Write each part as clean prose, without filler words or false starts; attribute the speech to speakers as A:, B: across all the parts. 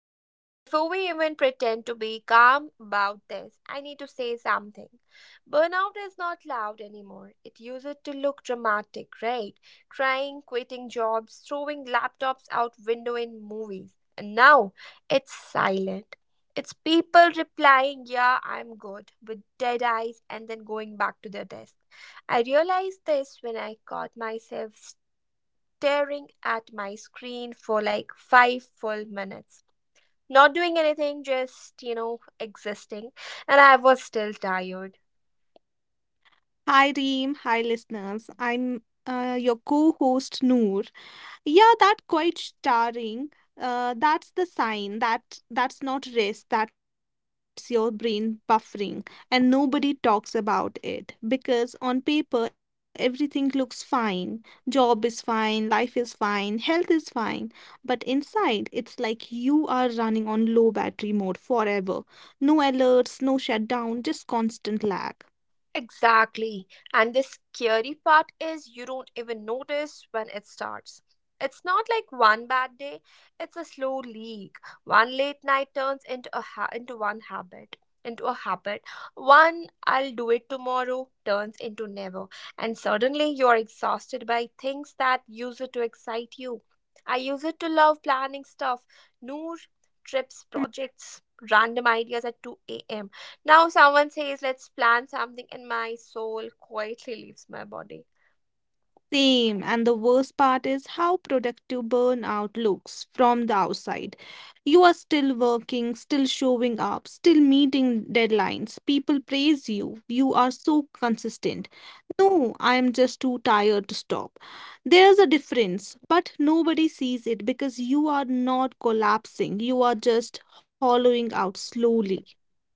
A: Okay, before we even pretend to be calm about this, I need to say something. Burnout is not loud anymore. It used to look dramatic, right? Crying, quitting jobs, throwing laptops out window in movies. And now it's silent. It's people replying, "Yeah, I'm good," with dead eyes and then going back to their desk. I realized this when I caught myself staring at my screen for like five full minutes, not doing anything, just existing. And I was still tired.
B: Hi, Reem. Hi, listeners. I'm your co host, Noor. Yeah, that quite starring. That's the sign that that's not rest, that's your brain buffering, and nobody talks about it because on paper everything looks fine. Job is fine, life is fine, health is fine, but inside it's like you are running on low battery mode forever. No alerts, no shutdown, just constant lag.
A: Exactly. And the scary part is you don't even notice when it starts. It's not like one bad day, it's a slow leak. One late night turns into a ha- into a habit. One I'll do it tomorrow turns into never. And suddenly you're exhausted by things that used to excite you. I use it to love planning stuff, noor, trips, projects, random ideas at 2 a.m. Now, someone says, let's plan something, and my soul quietly leaves my body.
B: Same, and the worst part is how productive burnout looks from the outside. You are still working, still showing up, still meeting deadlines. People praise you. You are so consistent. No, I am just too tired to stop. There's a difference, but nobody sees it because you are not collapsing. You are just hollowing out slowly.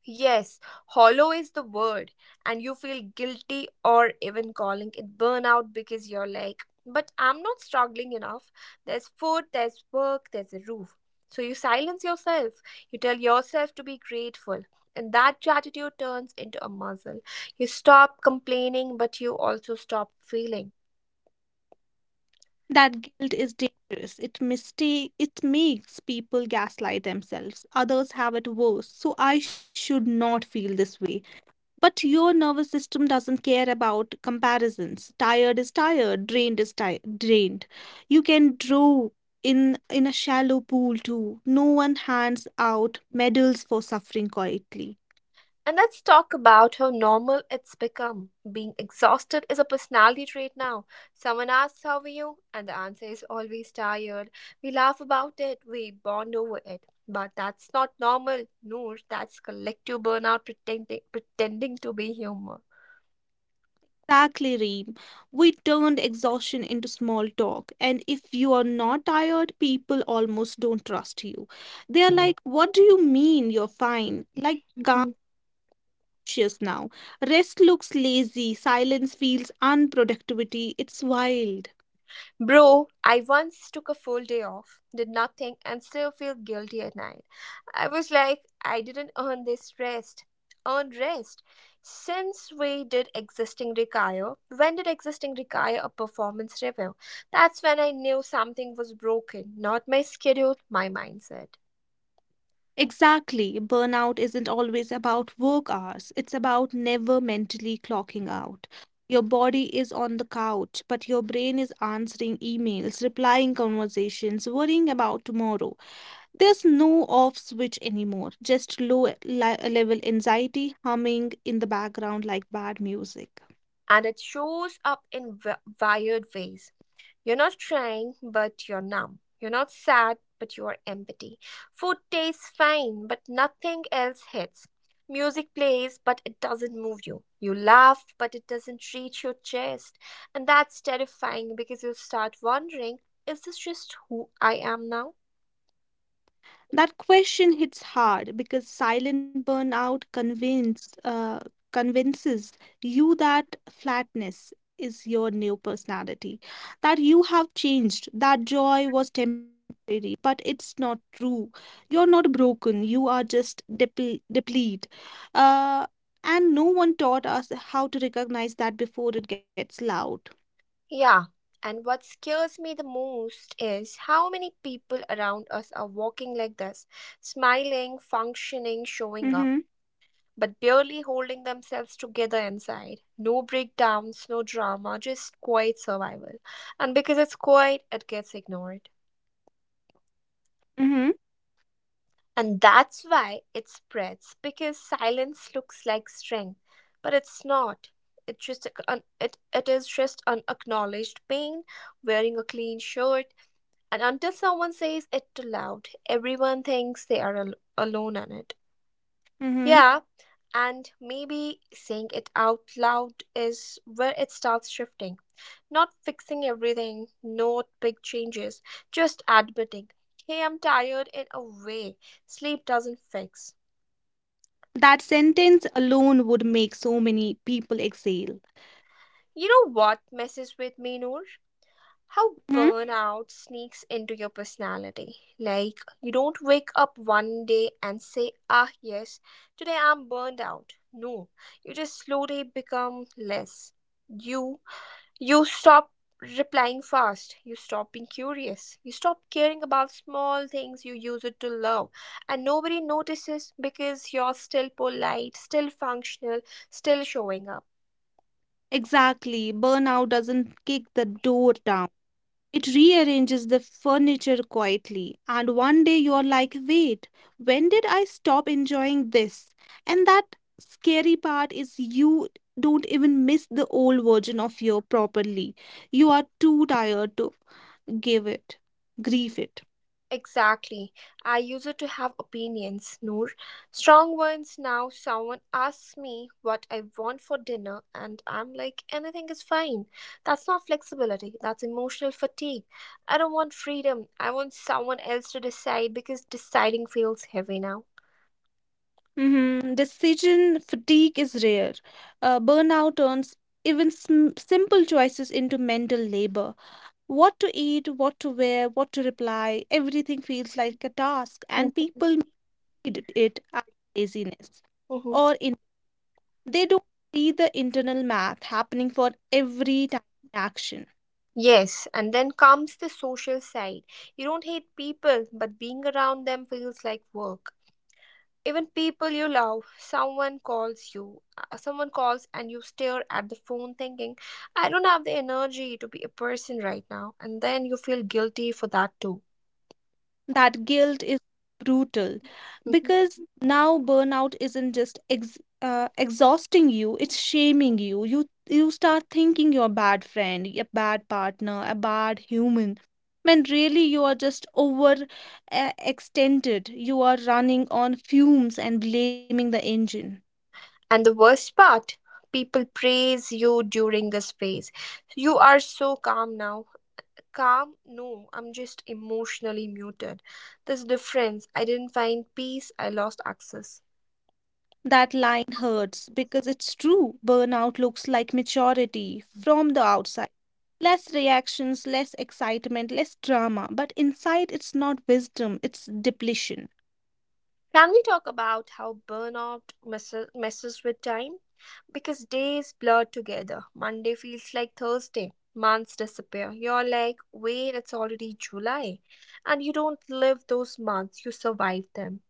A: Yes, hollow is the word, and you feel guilty or even calling it burnout because you're like, but I'm not struggling enough. There's food, there's work, there's a roof. So you silence yourself, you tell yourself to be grateful, and that gratitude turns into a muscle. You stop complaining, but you also stop feeling.
B: That guilt is dangerous. It makes people gaslight themselves. Others have it worse, so I should not feel this way. But your nervous system doesn't care about comparisons. Tired is tired, drained is drained. You can draw in a shallow pool too. No one hands out medals for suffering quietly.
A: And let's talk about how normal it's become. Being exhausted is a personality trait now. Someone asks, how are you? And the answer is always tired. We laugh about it, we bond over it. But that's not normal, Noor. That's collective burnout pretending to be humor.
B: Exactly, Reem. We turned exhaustion into small talk, and if you are not tired, people almost don't trust you. They are like, what do you mean you're fine? Like, conscious now. Rest looks lazy, silence feels unproductivity. It's wild.
A: Bro, I once took a full day off, did nothing, and still feel guilty at night. I was like, I didn't earn this rest. Earn rest. Since we did existing require, when did existing require a performance review? That's when I knew something was broken, not my schedule, my mindset.
B: Exactly. Burnout isn't always about work hours, it's about never mentally clocking out. Your body is on the couch, but your brain is answering emails, replying conversations, worrying about tomorrow. There's no off switch anymore, just low level anxiety humming in the background like bad music.
A: And it shows up in wired ways. You're not trying, but you're numb. You're not sad, but you are empty. Food tastes fine, but nothing else hits. Music plays, but it doesn't move you. You laugh, but it doesn't reach your chest. And that's terrifying because you start wondering, is this just who I am now?
B: That question hits hard because silent burnout convinces you that flatness is your new personality, that you have changed, that joy was temporary, but it's not true. You're not broken, you are just depleted. Uh, and no one taught us how to recognize that before it gets loud.
A: Yeah, and what scares me the most is how many people around us are walking like this, smiling, functioning,
B: Mm-hmm,
A: showing up, but barely holding themselves together inside. No breakdowns, no drama, just quiet survival. And because it's quiet, it gets ignored.
B: mm-hmm,
A: And that's why it spreads, because silence looks like strength, but it's not. It just it is just unacknowledged pain, wearing a clean shirt. And until someone says it too loud, everyone thinks they are alone in it.
B: mm-hmm.
A: Yeah, and maybe saying it out loud is where it starts shifting. Not fixing everything, not big changes, just admitting, hey, I'm tired in a way sleep doesn't fix.
B: That sentence alone would make so many people exhale.
A: You know what messes with me, Noor? How
B: Mm-hmm.
A: burnout sneaks into your personality. Like, you don't wake up one day and say, ah, yes, today I'm burned out. No, you just slowly become less you you stop replying fast. You stop being curious. You stop caring about small things you use it to love. And nobody notices because you're still polite, still functional, still showing up.
B: Exactly. Burnout doesn't kick the door down. It rearranges the furniture quietly. And one day you're like, wait, when did I stop enjoying this? And that scary part is you don't even miss the old version of you properly. You are too tired to give it, grieve it.
A: Exactly. I used to have opinions, Noor. Strong ones. Now someone asks me what I want for dinner, and I'm like, anything is fine. That's not flexibility, that's emotional fatigue. I don't want freedom. I want someone else to decide because deciding feels heavy now.
B: Mhm. Decision fatigue is rare. Burnout turns even simple choices into mental labor. What to eat, what to wear, what to reply, everything feels like a task,
A: Mhm,
B: and people made it as laziness.
A: mhm.
B: Or in they don't see the internal math happening for every tiny action.
A: Yes, and then comes the social side. You don't hate people, but being around them feels like work. Even people you love, someone calls and you stare at the phone thinking, I don't have the energy to be a person right now. And then you feel guilty for that too.
B: That guilt is brutal
A: Mhm.
B: because now burnout isn't just ex exhausting you, it's shaming you. You start thinking you're a bad friend, a bad partner, a bad human, when really you are just over extended. You are running on fumes and blaming the engine.
A: And the worst part, people praise you during this phase. You are so calm now. Calm? No, I'm just emotionally muted. This difference, I didn't find peace, I lost access.
B: That line hurts because it's true. Burnout looks like maturity from the outside. Less reactions, less excitement, less drama. But inside, it's not wisdom, it's depletion.
A: Can we talk about how burnout messes with time? Because days blur together, monday feels like thursday, months disappear, you're like, wait, it's already july. And you don't live those months, you survive them.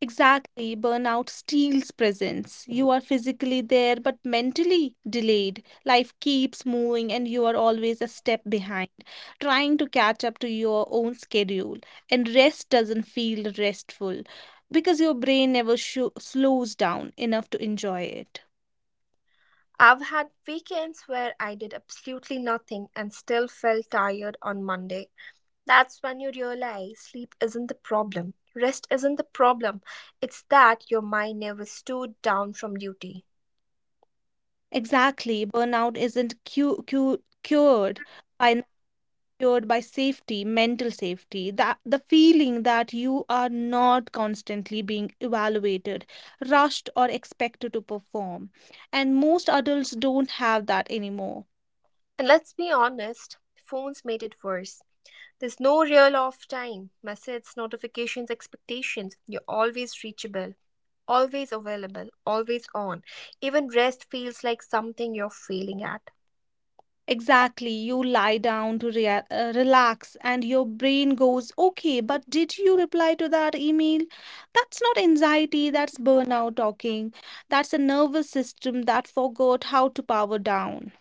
B: Exactly. Burnout steals presence. You are physically there but mentally delayed. Life keeps moving and you are always a step behind, trying to catch up to your own schedule. And rest doesn't feel restful because your brain never sho slows down enough to enjoy it.
A: I've had weekends where I did absolutely nothing and still felt tired on Monday. That's when you realize sleep isn't the problem. Rest isn't the problem. It's that your mind never stood down from duty.
B: Exactly. Burnout isn't cured by secured by safety, mental safety, that the feeling that you are not constantly being evaluated, rushed, or expected to perform. And most adults don't have that anymore.
A: And let's be honest, phones made it worse. There's no real off time. Messages, notifications, expectations. You're always reachable, always available, always on. Even rest feels like something you're failing at.
B: Exactly, you lie down to relax, and your brain goes, okay, but did you reply to that email? That's not anxiety, that's burnout talking. That's a nervous system that forgot how to power down.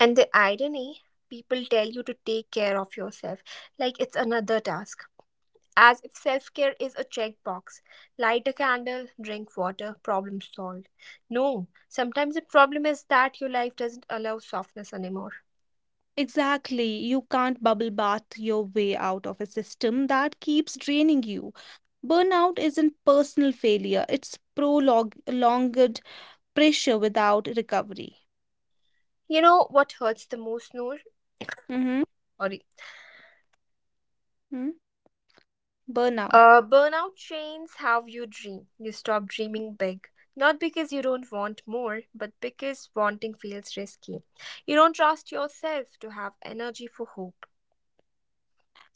A: And the irony, people tell you to take care of yourself like it's another task, as if self care is a checkbox. Light a candle, drink water, problem solved. No, sometimes the problem is that your life doesn't allow softness anymore.
B: Exactly. You can't bubble bath your way out of a system that keeps draining you. Burnout isn't personal failure, it's prolonged pressure without recovery.
A: You know what hurts the most, Noor?
B: Mm-hmm.
A: Or
B: Mm-hmm. Burnout.
A: burnout chains how you dream. You stop dreaming big. Not because you don't want more, but because wanting feels risky. You don't trust yourself to have energy for hope.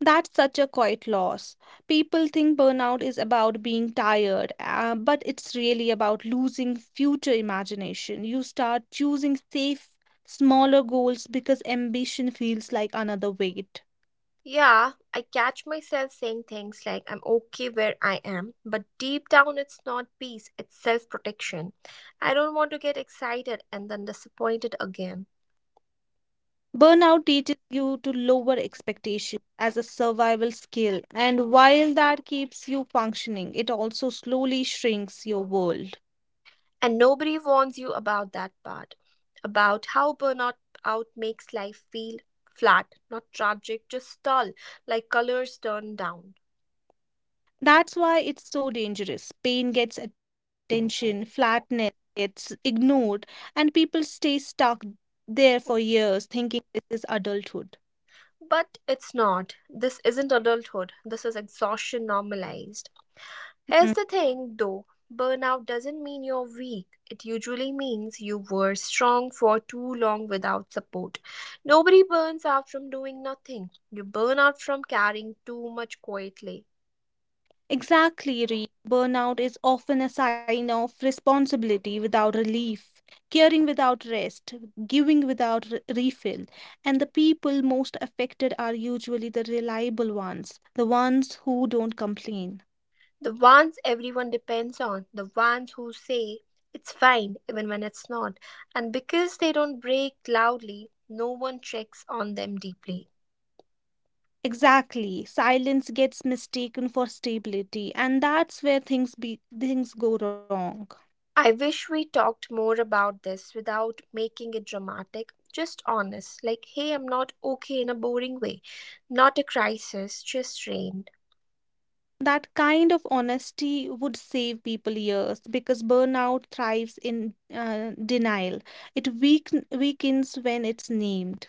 B: That's such a quiet loss. People think burnout is about being tired, but it's really about losing future imagination. You start choosing safe, smaller goals because ambition feels like another weight.
A: Yeah, I catch myself saying things like, I'm okay where I am, but deep down it's not peace, it's self protection. I don't want to get excited and then disappointed again.
B: Burnout teaches you to lower expectations as a survival skill, and while that keeps you functioning, it also slowly shrinks your world.
A: And nobody warns you about that part, about how burnout out makes life feel flat, not tragic, just dull, like colors turned down.
B: That's why it's so dangerous. Pain gets attention, flatness gets ignored, and people stay stuck there for years thinking this is adulthood.
A: But it's not. This isn't adulthood. This is exhaustion normalized. Here's the thing though, burnout doesn't mean you're weak, it usually means you were strong for too long without support. Nobody burns out from doing nothing, you burn out from carrying too much quietly.
B: Exactly, Ree. Burnout is often a sign of responsibility without relief, caring without rest, giving without refill. And the people most affected are usually the reliable ones, the ones who don't complain.
A: The ones everyone depends on, the ones who say it's fine even when it's not. And because they don't break loudly, no one checks on them deeply.
B: Exactly. Silence gets mistaken for stability, and that's where things go wrong.
A: I wish we talked more about this without making it dramatic, just honest. Like, hey, I'm not okay in a boring way, not a crisis, just strained.
B: That kind of honesty would save people years because burnout thrives in denial. It weakens when it's named.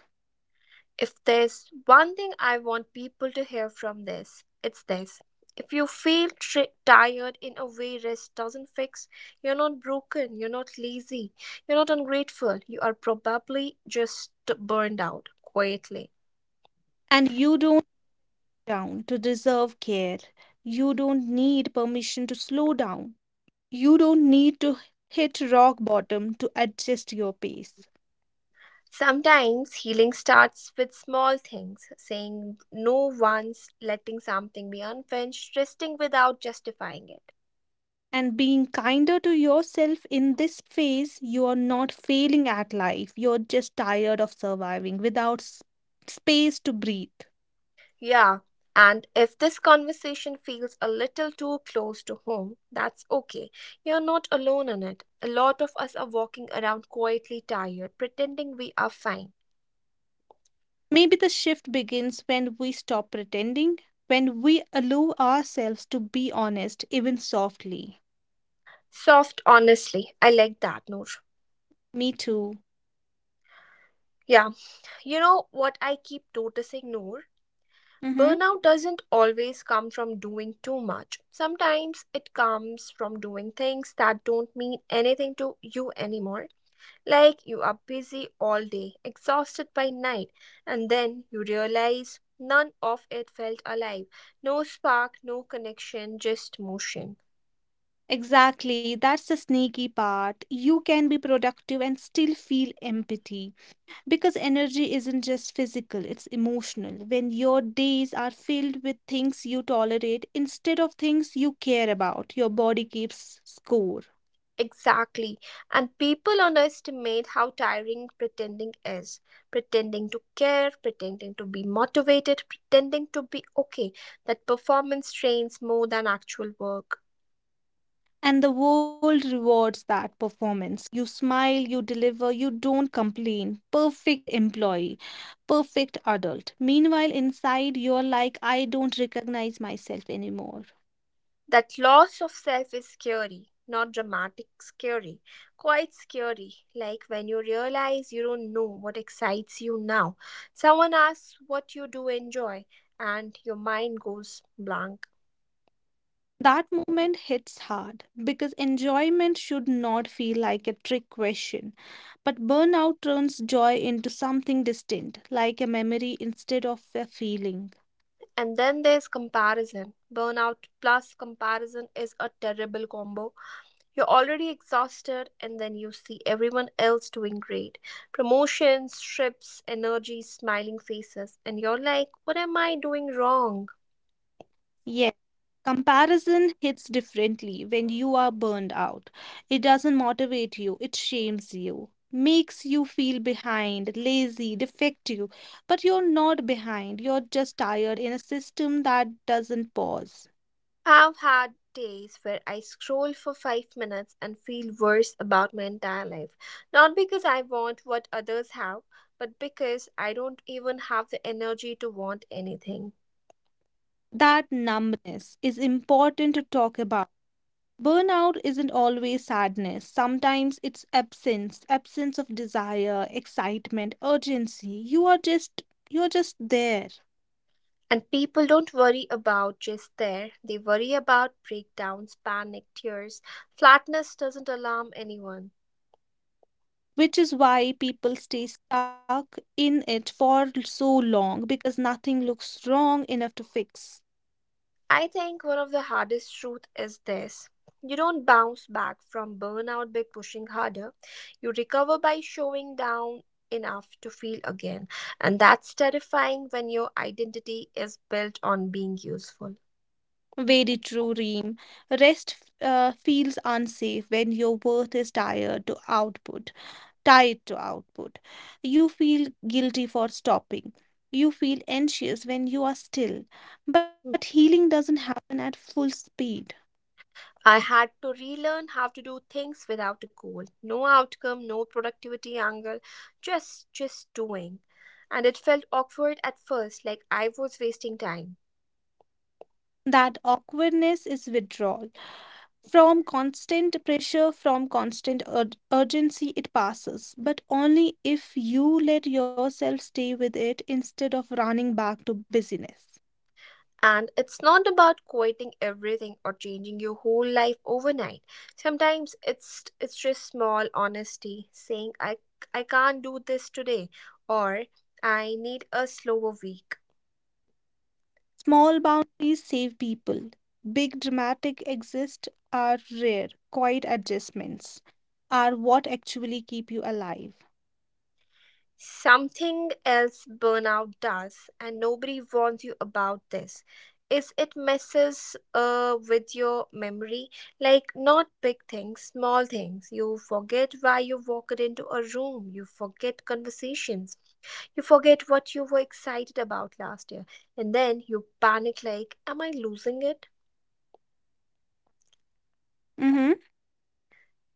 A: If there's one thing I want people to hear from this, it's this. If you feel tired in a way rest doesn't fix, you're not broken, you're not lazy, you're not ungrateful, you are probably just burned out quietly.
B: And you don't down to deserve care. You don't need permission to slow down. You don't need to hit rock bottom to adjust your pace.
A: Sometimes healing starts with small things, saying no once, letting something be unfinished, resting without justifying it.
B: And being kinder to yourself in this phase, you are not failing at life. You're just tired of surviving without space to breathe.
A: Yeah, and if this conversation feels a little too close to home, that's okay. You're not alone in it. A lot of us are walking around quietly tired, pretending we are fine.
B: Maybe the shift begins when we stop pretending, when we allow ourselves to be honest, even softly.
A: Soft, honestly. I like that, Noor.
B: Me too.
A: Yeah, you know what I keep noticing, Noor?
B: Mm-hmm.
A: Burnout doesn't always come from doing too much. Sometimes it comes from doing things that don't mean anything to you anymore. Like you are busy all day, exhausted by night, and then you realize none of it felt alive. No spark, no connection, just motion.
B: Exactly. That's the sneaky part. You can be productive and still feel empty. Because energy isn't just physical, it's emotional. When your days are filled with things you tolerate instead of things you care about, your body keeps score.
A: Exactly. And people underestimate how tiring pretending is. Pretending to care, pretending to be motivated, pretending to be okay. That performance strains more than actual work.
B: And the world rewards that performance. You smile, you deliver, you don't complain. Perfect employee, perfect adult. Meanwhile, inside, you're like, I don't recognize myself anymore.
A: That loss of self is scary, not dramatic scary, quite scary. Like when you realize you don't know what excites you now. Someone asks what you do enjoy, and your mind goes blank.
B: That moment hits hard because enjoyment should not feel like a trick question. But burnout turns joy into something distant, like a memory instead of a feeling.
A: And then there's comparison. Burnout plus comparison is a terrible combo. You're already exhausted, and then you see everyone else doing great, promotions, trips, energy, smiling faces, and you're like, what am I doing wrong?
B: Yes, comparison hits differently when you are burned out. It doesn't motivate you, it shames you, makes you feel behind, lazy, defective. But you're not behind, you're just tired in a system that doesn't pause.
A: I've had days where I scroll for 5 minutes and feel worse about my entire life. Not because I want what others have, but because I don't even have the energy to want anything.
B: That numbness is important to talk about. Burnout isn't always sadness. Sometimes it's absence, absence of desire, excitement, urgency. You are just you're just there,
A: And people don't worry about just there, they worry about breakdowns, panic, tears. Flatness doesn't alarm anyone.
B: which is why people stay stuck in it for so long because nothing looks wrong enough to fix.
A: I think one of the hardest truth is this. You don't bounce back from burnout by pushing harder. You recover by showing down enough to feel again. And that's terrifying when your identity is built on being useful.
B: Very true, Reem. Rest feels unsafe when your worth is tied to output. tied to output. You feel guilty for stopping. You feel anxious when you are still. But healing doesn't happen at full speed.
A: I had to relearn how to do things without a goal. No outcome, no productivity angle, just doing. And it felt awkward at first, like I was wasting time.
B: That awkwardness is withdrawal. From constant pressure, from constant urgency, it passes, but only if you let yourself stay with it instead of running back to busyness.
A: And it's not about quitting everything or changing your whole life overnight. Sometimes it's just small honesty saying, I can't do this today, or I need a slower week.
B: Small boundaries save people. Big dramatic exits are rare. Quiet adjustments are what actually keep you alive.
A: Something else burnout does and nobody warns you about this is it messes with your memory, like not big things, small things, you forget why you walked into a room, you forget conversations. You forget what you were excited about last year, and then you panic like, am I losing it?
B: Mm-hmm. Then?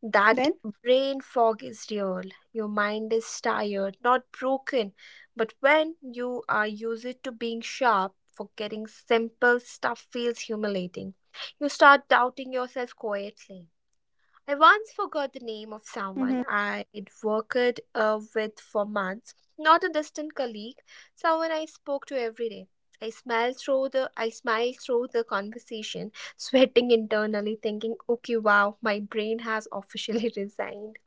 A: That brain fog is real. Your mind is tired, not broken. But when you are used to being sharp, forgetting simple stuff feels humiliating. You start doubting yourself quietly. I once forgot
B: Mm-hmm.
A: the name of someone I'd worked with for months, not a distant colleague, someone I spoke to every day. I smiled through the conversation, sweating internally, thinking, okay, wow, my brain has officially resigned.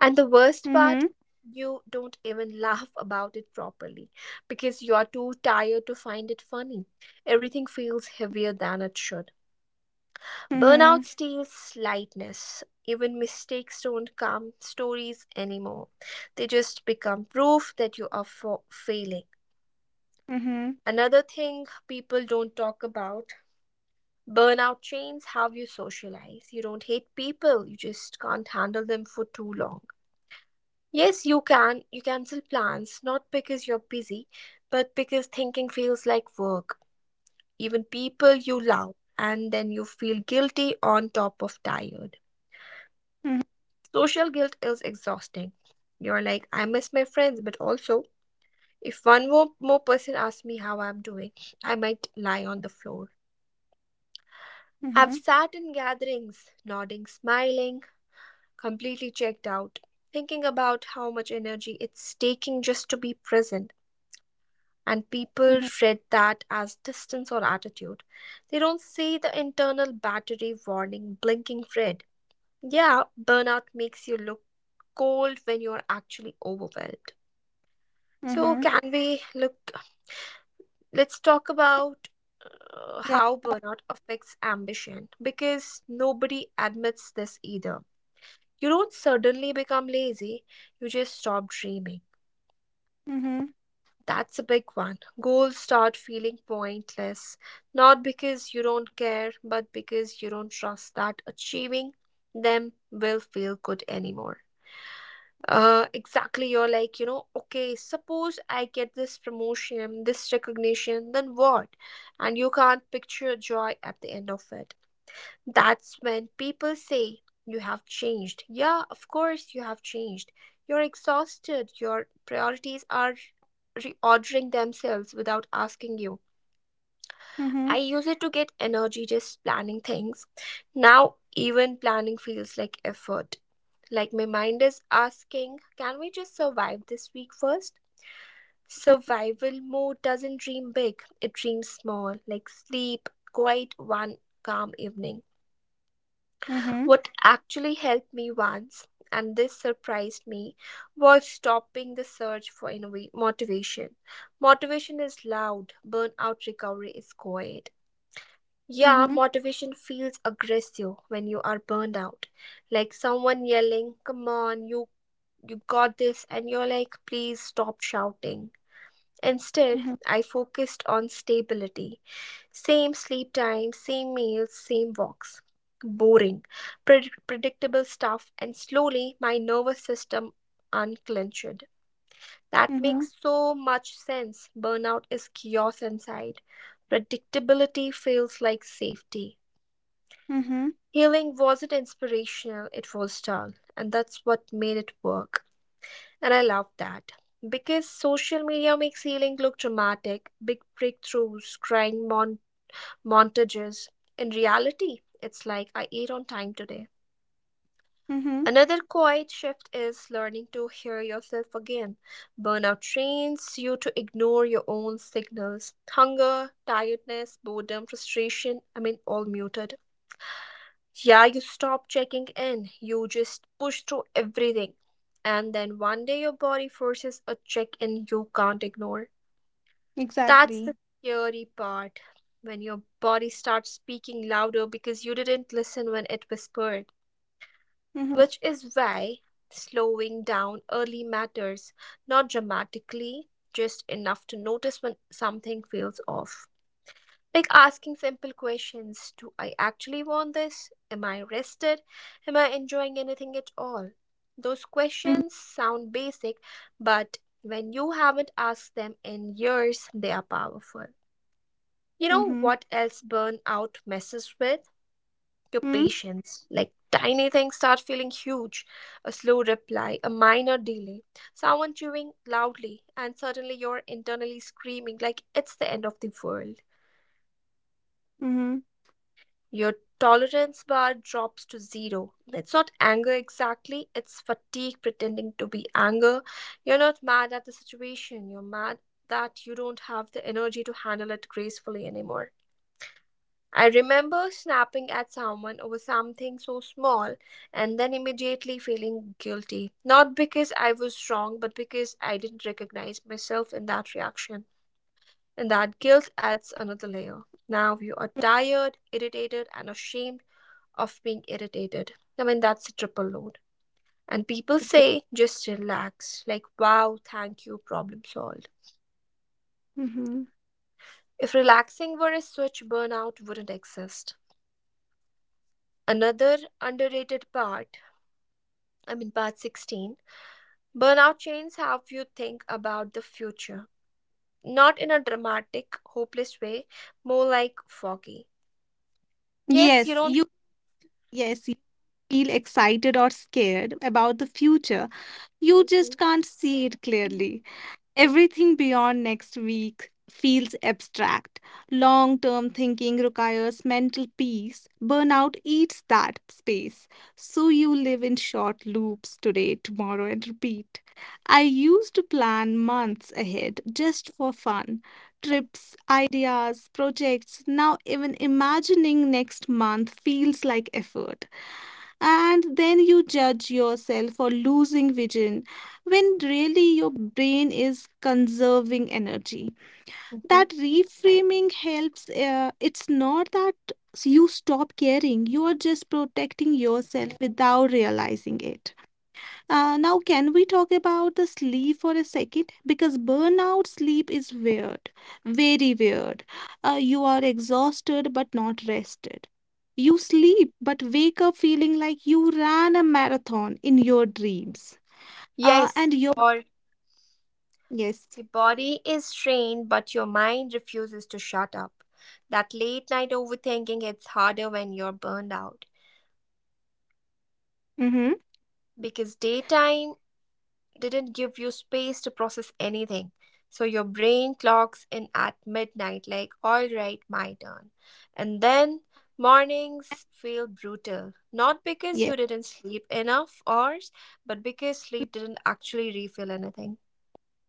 A: And the worst
B: Mm-hmm.
A: part, you don't even laugh about it properly because you're too tired to find it funny. Everything feels heavier than it should.
B: Mm-hmm.
A: Burnout steals lightness. Even mistakes don't come stories anymore. They just become proof that you are for failing.
B: Mm-hmm.
A: Another thing people don't talk about, burnout changes how you socialize. You don't hate people, you just can't handle them for too long. Yes, you can. You cancel plans, not because you're busy, but because thinking feels like work. Even people you love, and then you feel guilty on top of tired.
B: Mm-hmm.
A: Social guilt is exhausting. You're like, I miss my friends, but also, if one more person asks me how I'm doing, I might lie on the floor.
B: Mm-hmm.
A: I've sat in gatherings, nodding, smiling, completely checked out, thinking about how much energy it's taking just to be present. And people
B: Mm-hmm.
A: read that as distance or attitude. They don't see the internal battery warning blinking red. Yeah, burnout makes you look cold when you're actually overwhelmed. So,
B: Mhm.
A: can we look? Let's talk about
B: Yeah.
A: how burnout affects ambition because nobody admits this either. You don't suddenly become lazy, you just stop dreaming.
B: Mhm.
A: That's a big one. Goals start feeling pointless, not because you don't care, but because you don't trust that achieving them will feel good anymore. Exactly. You're like, okay, suppose I get this promotion, this recognition, then what? And you can't picture joy at the end of it. That's when people say, you have changed. Yeah, of course, you have changed. You're exhausted. Your priorities are reordering themselves without asking you. I
B: Mhm.
A: use it to get energy just planning things. Now, even planning feels like effort, like my mind is asking, can we just survive this week first? Survival mode doesn't dream big, it dreams small, like sleep, quiet one calm evening.
B: Mhm.
A: What actually helped me once, and this surprised me, was stopping the search for motivation. Motivation is loud, burnout recovery is quiet. Yeah,
B: Mhm.
A: motivation feels aggressive when you are burned out, like someone yelling, come on, you got this, and you're like, please stop shouting. Instead,
B: Mhm.
A: I focused on stability. Same sleep time, same meals, same walks. Boring, predictable stuff, and slowly my nervous system unclenched. That
B: Mhm.
A: makes so much sense. Burnout is chaos inside. Predictability feels like safety.
B: Mhm.
A: Healing wasn't inspirational, it was dull, and that's what made it work. And I love that because social media makes healing look dramatic, big breakthroughs, crying montages. In reality, it's like I ate on time today.
B: Mhm.
A: Another quiet shift is learning to hear yourself again. Burnout trains you to ignore your own signals, hunger, tiredness, boredom, frustration. I mean, all muted. Yeah, you stop checking in, you just push through everything. And then one day your body forces a check in you can't ignore. That's the
B: Exactly.
A: scary part, when your body starts speaking louder because you didn't listen when it whispered,
B: Mhm.
A: which is why slowing down early matters, not dramatically, just enough to notice when something feels off. Like asking simple questions, do I actually want this? Am I rested? Am I enjoying anything at all? Those
B: Mhm.
A: questions sound basic, but when you haven't asked them in years, they are powerful. You know
B: Mhm.
A: what else burnout messes with? Your
B: Mhm.
A: patience. Like tiny things start feeling huge. A slow reply, a minor delay, someone chewing loudly, and suddenly you're internally screaming like it's the end of the world.
B: Mhm.
A: Your tolerance bar drops to zero. It's not anger exactly, it's fatigue pretending to be anger. You're not mad at the situation, you're mad that you don't have the energy to handle it gracefully anymore. I remember snapping at someone over something so small and then immediately feeling guilty. Not because I was wrong, but because I didn't recognize myself in that reaction. And that guilt adds another layer. Now you are tired, irritated, and ashamed of being irritated. I mean, that's a triple load. And people
B: Okay.
A: say, just relax. Like, wow, thank you, problem solved.
B: Mhm.
A: If relaxing were a switch, burnout wouldn't exist. Another underrated part, part 16, burnout changes how you think about the future. Not in a dramatic, hopeless way, more like foggy. Yes, you
B: Yes,
A: don't.
B: you yes, you feel excited or scared about the future. You just
A: Mhm.
B: can't see it clearly. Everything beyond next week feels abstract. Long term thinking requires mental peace. Burnout eats that space. So you live in short loops today, tomorrow, and repeat. I used to plan months ahead just for fun. Trips, ideas, projects. Now, even imagining next month feels like effort, and then you judge yourself for losing vision when really your brain is conserving energy.
A: Mhm.
B: That reframing helps. It's not that you stop caring, you are just protecting yourself without realizing it. Now, can we talk about the sleep for a second? Because burnout sleep is weird, very weird. You are exhausted but not rested. You sleep but wake up feeling like you ran a marathon in your dreams. Uh,
A: Yes,
B: and your
A: or
B: yes,
A: your body is trained, but your mind refuses to shut up. That late night overthinking hits harder when you're burned out
B: mm-hmm,
A: because daytime didn't give you space to process anything. So your brain clocks in at midnight, like, all right, my turn. And then mornings feel brutal, not because
B: yeah.
A: you didn't sleep enough hours, but because sleep didn't actually refill anything.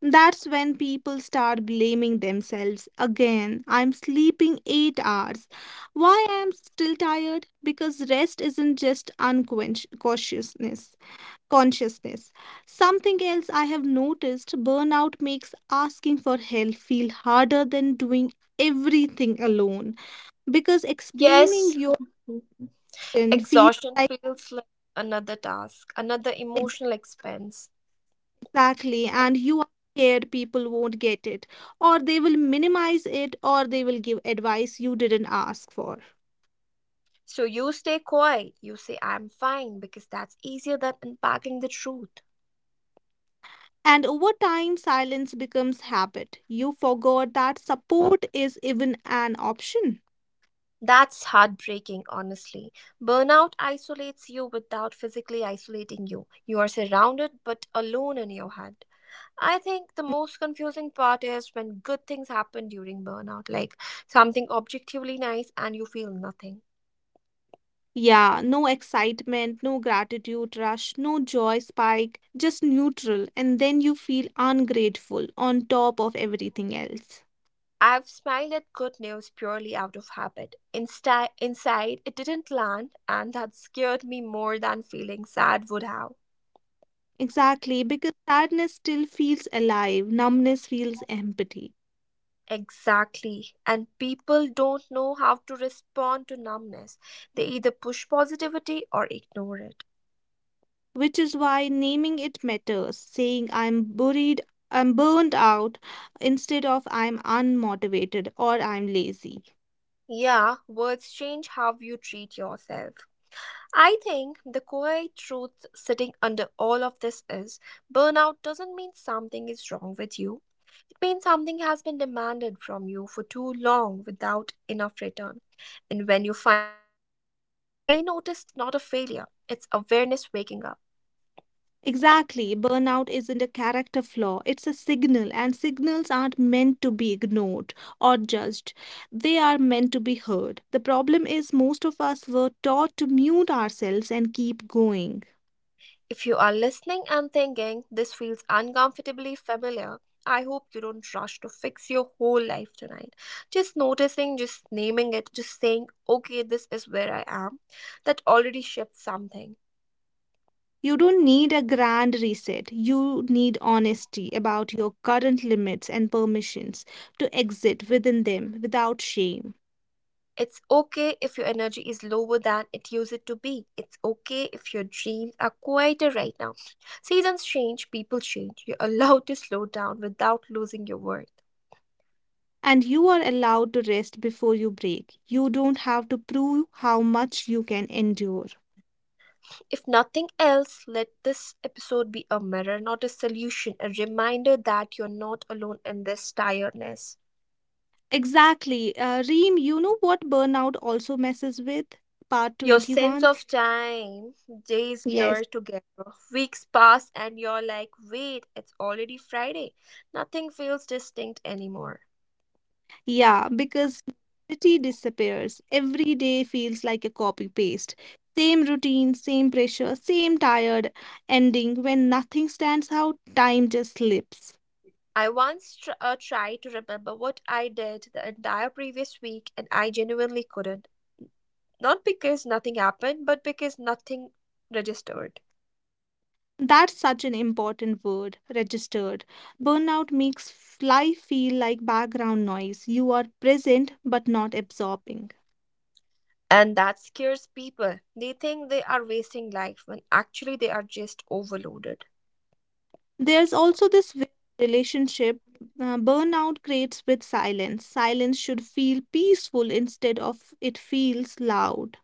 B: That's when people start blaming themselves again. I'm sleeping 8 hours. Why I'm still tired? Because rest isn't just unconsciousness consciousness. Something else I have noticed, burnout makes asking for help feel harder than doing everything alone because explaining
A: Yes,
B: your question feels
A: exhaustion
B: like,
A: feels like another task, another emotional expense.
B: exactly, and you are scared people won't get it or they will minimize it or they will give advice you didn't ask for.
A: So you stay quiet, you say, I'm fine, because that's easier than unpacking the truth.
B: And over time, silence becomes habit. You forgot that support is even an option.
A: That's heartbreaking, honestly. Burnout isolates you without physically isolating you. You are surrounded but alone in your head. I think the most confusing part is when good things happen during burnout, like something objectively nice and you feel nothing.
B: Yeah, no excitement, no gratitude rush, no joy spike, just neutral, and then you feel ungrateful on top of everything else.
A: I've smiled at good news purely out of habit. Inside, it didn't land, and that scared me more than feeling sad would have.
B: Exactly, because sadness still feels alive, numbness feels empty.
A: Exactly. And people don't know how to respond to numbness. They either push positivity or ignore it.
B: Which is why naming it matters. Saying I'm buried, I'm burned out instead of I'm unmotivated or I'm lazy.
A: Yeah, words change how you treat yourself. I think the quiet truth sitting under all of this is burnout doesn't mean something is wrong with you. Means something has been demanded from you for too long without enough return. And when you finally notice it, it's not a failure, it's awareness waking up.
B: Exactly. Burnout isn't a character flaw, it's a signal, and signals aren't meant to be ignored or judged. They are meant to be heard. The problem is, most of us were taught to mute ourselves and keep going.
A: If you are listening and thinking this feels uncomfortably familiar, I hope you don't rush to fix your whole life tonight. Just noticing, just naming it, just saying, okay, this is where I am, that already shifts something.
B: You don't need a grand reset. You need honesty about your current limits and permissions to exit within them without shame.
A: It's okay if your energy is lower than it used to be. It's okay if your dreams are quieter right now. Seasons change, people change. You're allowed to slow down without losing your worth.
B: And you are allowed to rest before you break. You don't have to prove how much you can endure.
A: If nothing else, let this episode be a mirror, not a solution, a reminder that you're not alone in this tiredness.
B: Exactly. Reem, you know what burnout also messes with? Part
A: Your sense
B: 21?
A: of time, days
B: Yes.
A: blur together, weeks pass, and you're like, wait, it's already Friday. Nothing feels distinct anymore.
B: Yeah, because novelty disappears. Every day feels like a copy paste. Same routine, same pressure, same tired ending. When nothing stands out, time just slips.
A: I once tried to remember what I did the entire previous week and I genuinely couldn't. Not because nothing happened, but because nothing registered.
B: That's such an important word, registered. Burnout makes life feel like background noise. You are present but not absorbing.
A: And that scares people. They think they are wasting life when actually they are just overloaded.
B: There's also this weird relationship burnout creates with silence. Silence should feel peaceful instead of it feels loud.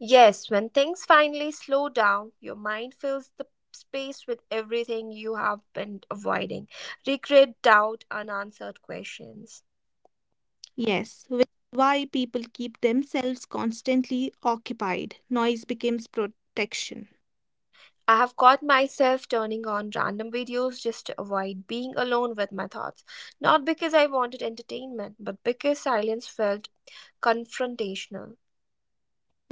A: Yes, when things finally slow down, your mind fills the space with everything you have been avoiding, regret, doubt, unanswered questions.
B: Yes, which is why people keep themselves constantly occupied. Noise becomes protection.
A: I have caught myself turning on random videos just to avoid being alone with my thoughts, not because I wanted entertainment, but because silence felt confrontational.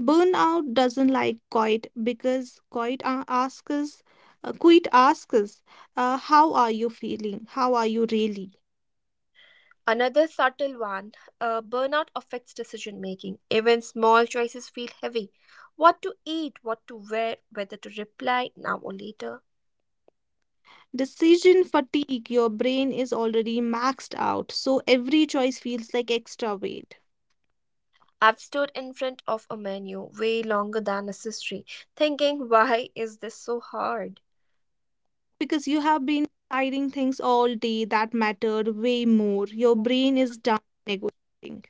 B: Burnout doesn't like quiet because quiet a- asks us, quit asks us, how are you feeling? How are you really?
A: Another subtle one, burnout affects decision making. Even small choices feel heavy. What to eat, what to wear, whether to reply now or later.
B: Decision fatigue, your brain is already maxed out, so every choice feels like extra weight.
A: I've stood in front of a menu way longer than necessary, thinking, why is this so hard?
B: Because you have been deciding things all day that mattered way more. Your brain is done negotiating.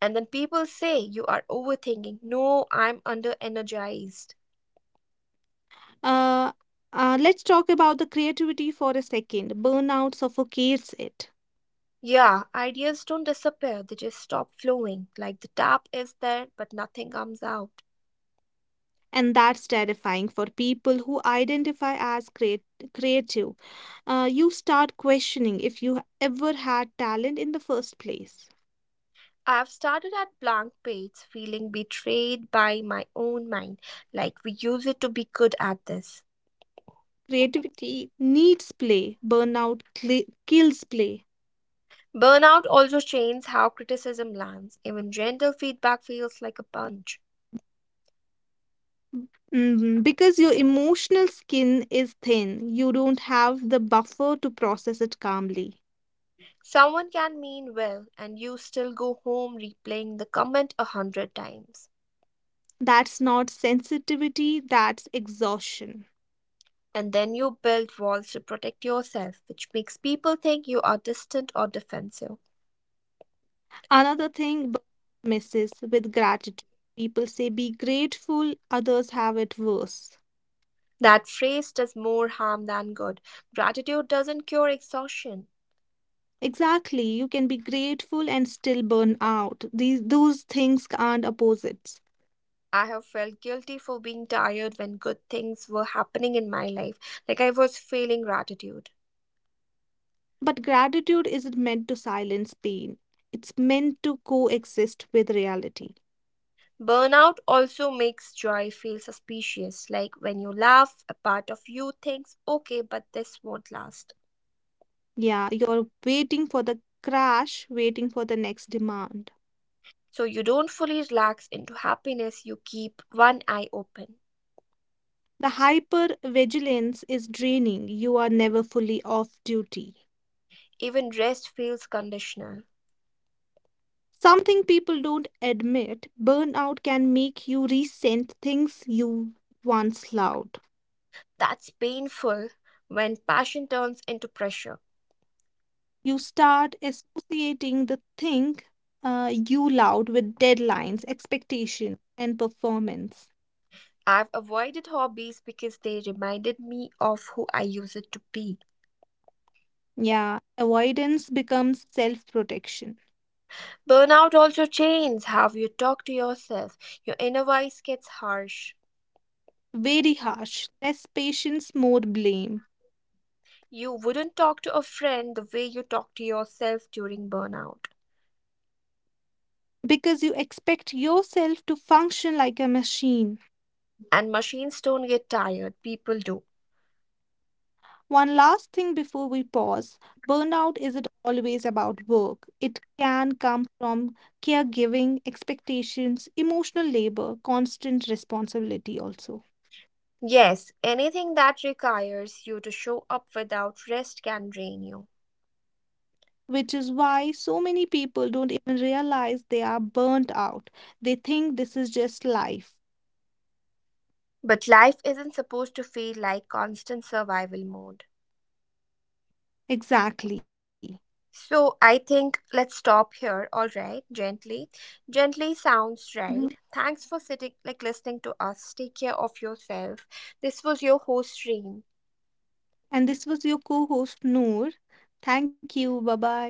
A: And then people say, you are overthinking. No, I'm under energized.
B: Uh, let's talk about the creativity for a second. Burnout suffocates it.
A: Yeah, ideas don't disappear, they just stop flowing. Like the tap is there, but nothing comes out.
B: And that's terrifying for people who identify as creative. You start questioning if you ever had talent in the first place.
A: I've started at blank page feeling betrayed by my own mind, like we use it to be good at this.
B: Creativity needs play, burnout cli kills play.
A: Burnout also changes how criticism lands. Even gentle feedback feels like a punch.
B: Mm, because your emotional skin is thin, you don't have the buffer to process it calmly.
A: Someone can mean well, and you still go home replaying the comment 100 times.
B: That's not sensitivity, that's exhaustion.
A: And then you build walls to protect yourself, which makes people think you are distant or defensive.
B: Another thing burnout messes with, gratitude. People say be grateful, others have it worse.
A: That phrase does more harm than good. Gratitude doesn't cure exhaustion.
B: Exactly, you can be grateful and still burn out. These those things aren't opposites.
A: I have felt guilty for being tired when good things were happening in my life, like I was feeling gratitude.
B: But gratitude isn't meant to silence pain. It's meant to coexist with reality.
A: Burnout also makes joy feel suspicious, like when you laugh, a part of you thinks, okay, but this won't last.
B: Yeah, you're waiting for the crash, waiting for the next demand.
A: So you don't fully relax into happiness, you keep one eye open.
B: The hyper vigilance is draining. You are never fully off duty.
A: Even rest feels conditional.
B: Something people don't admit, burnout can make you resent things you once loved.
A: That's painful when passion turns into pressure.
B: You start associating the thing you loved with deadlines, expectations, and performance.
A: I've avoided hobbies because they reminded me of who I used to be.
B: Yeah, avoidance becomes self protection.
A: Burnout also changes how you talk to yourself. Your inner voice gets harsh.
B: Very harsh, less patience, more blame.
A: You wouldn't talk to a friend the way you talk to yourself during burnout.
B: Because you expect yourself to function like a machine.
A: And machines don't get tired, people do.
B: One last thing before we pause, burnout isn't always about work, it can come from caregiving, expectations, emotional labor, constant responsibility, also.
A: Yes, anything that requires you to show up without rest can drain you.
B: Which is why so many people don't even realize they are burnt out. They think this is just life.
A: But life isn't supposed to feel like constant survival mode.
B: Exactly.
A: So I think let's stop here. All right, gently. Gently
B: Mhm.
A: sounds right. Thanks for sitting like listening to us. Take care of yourself. This was your host Reem.
B: And this was your co host, Noor. Thank you. Bye bye.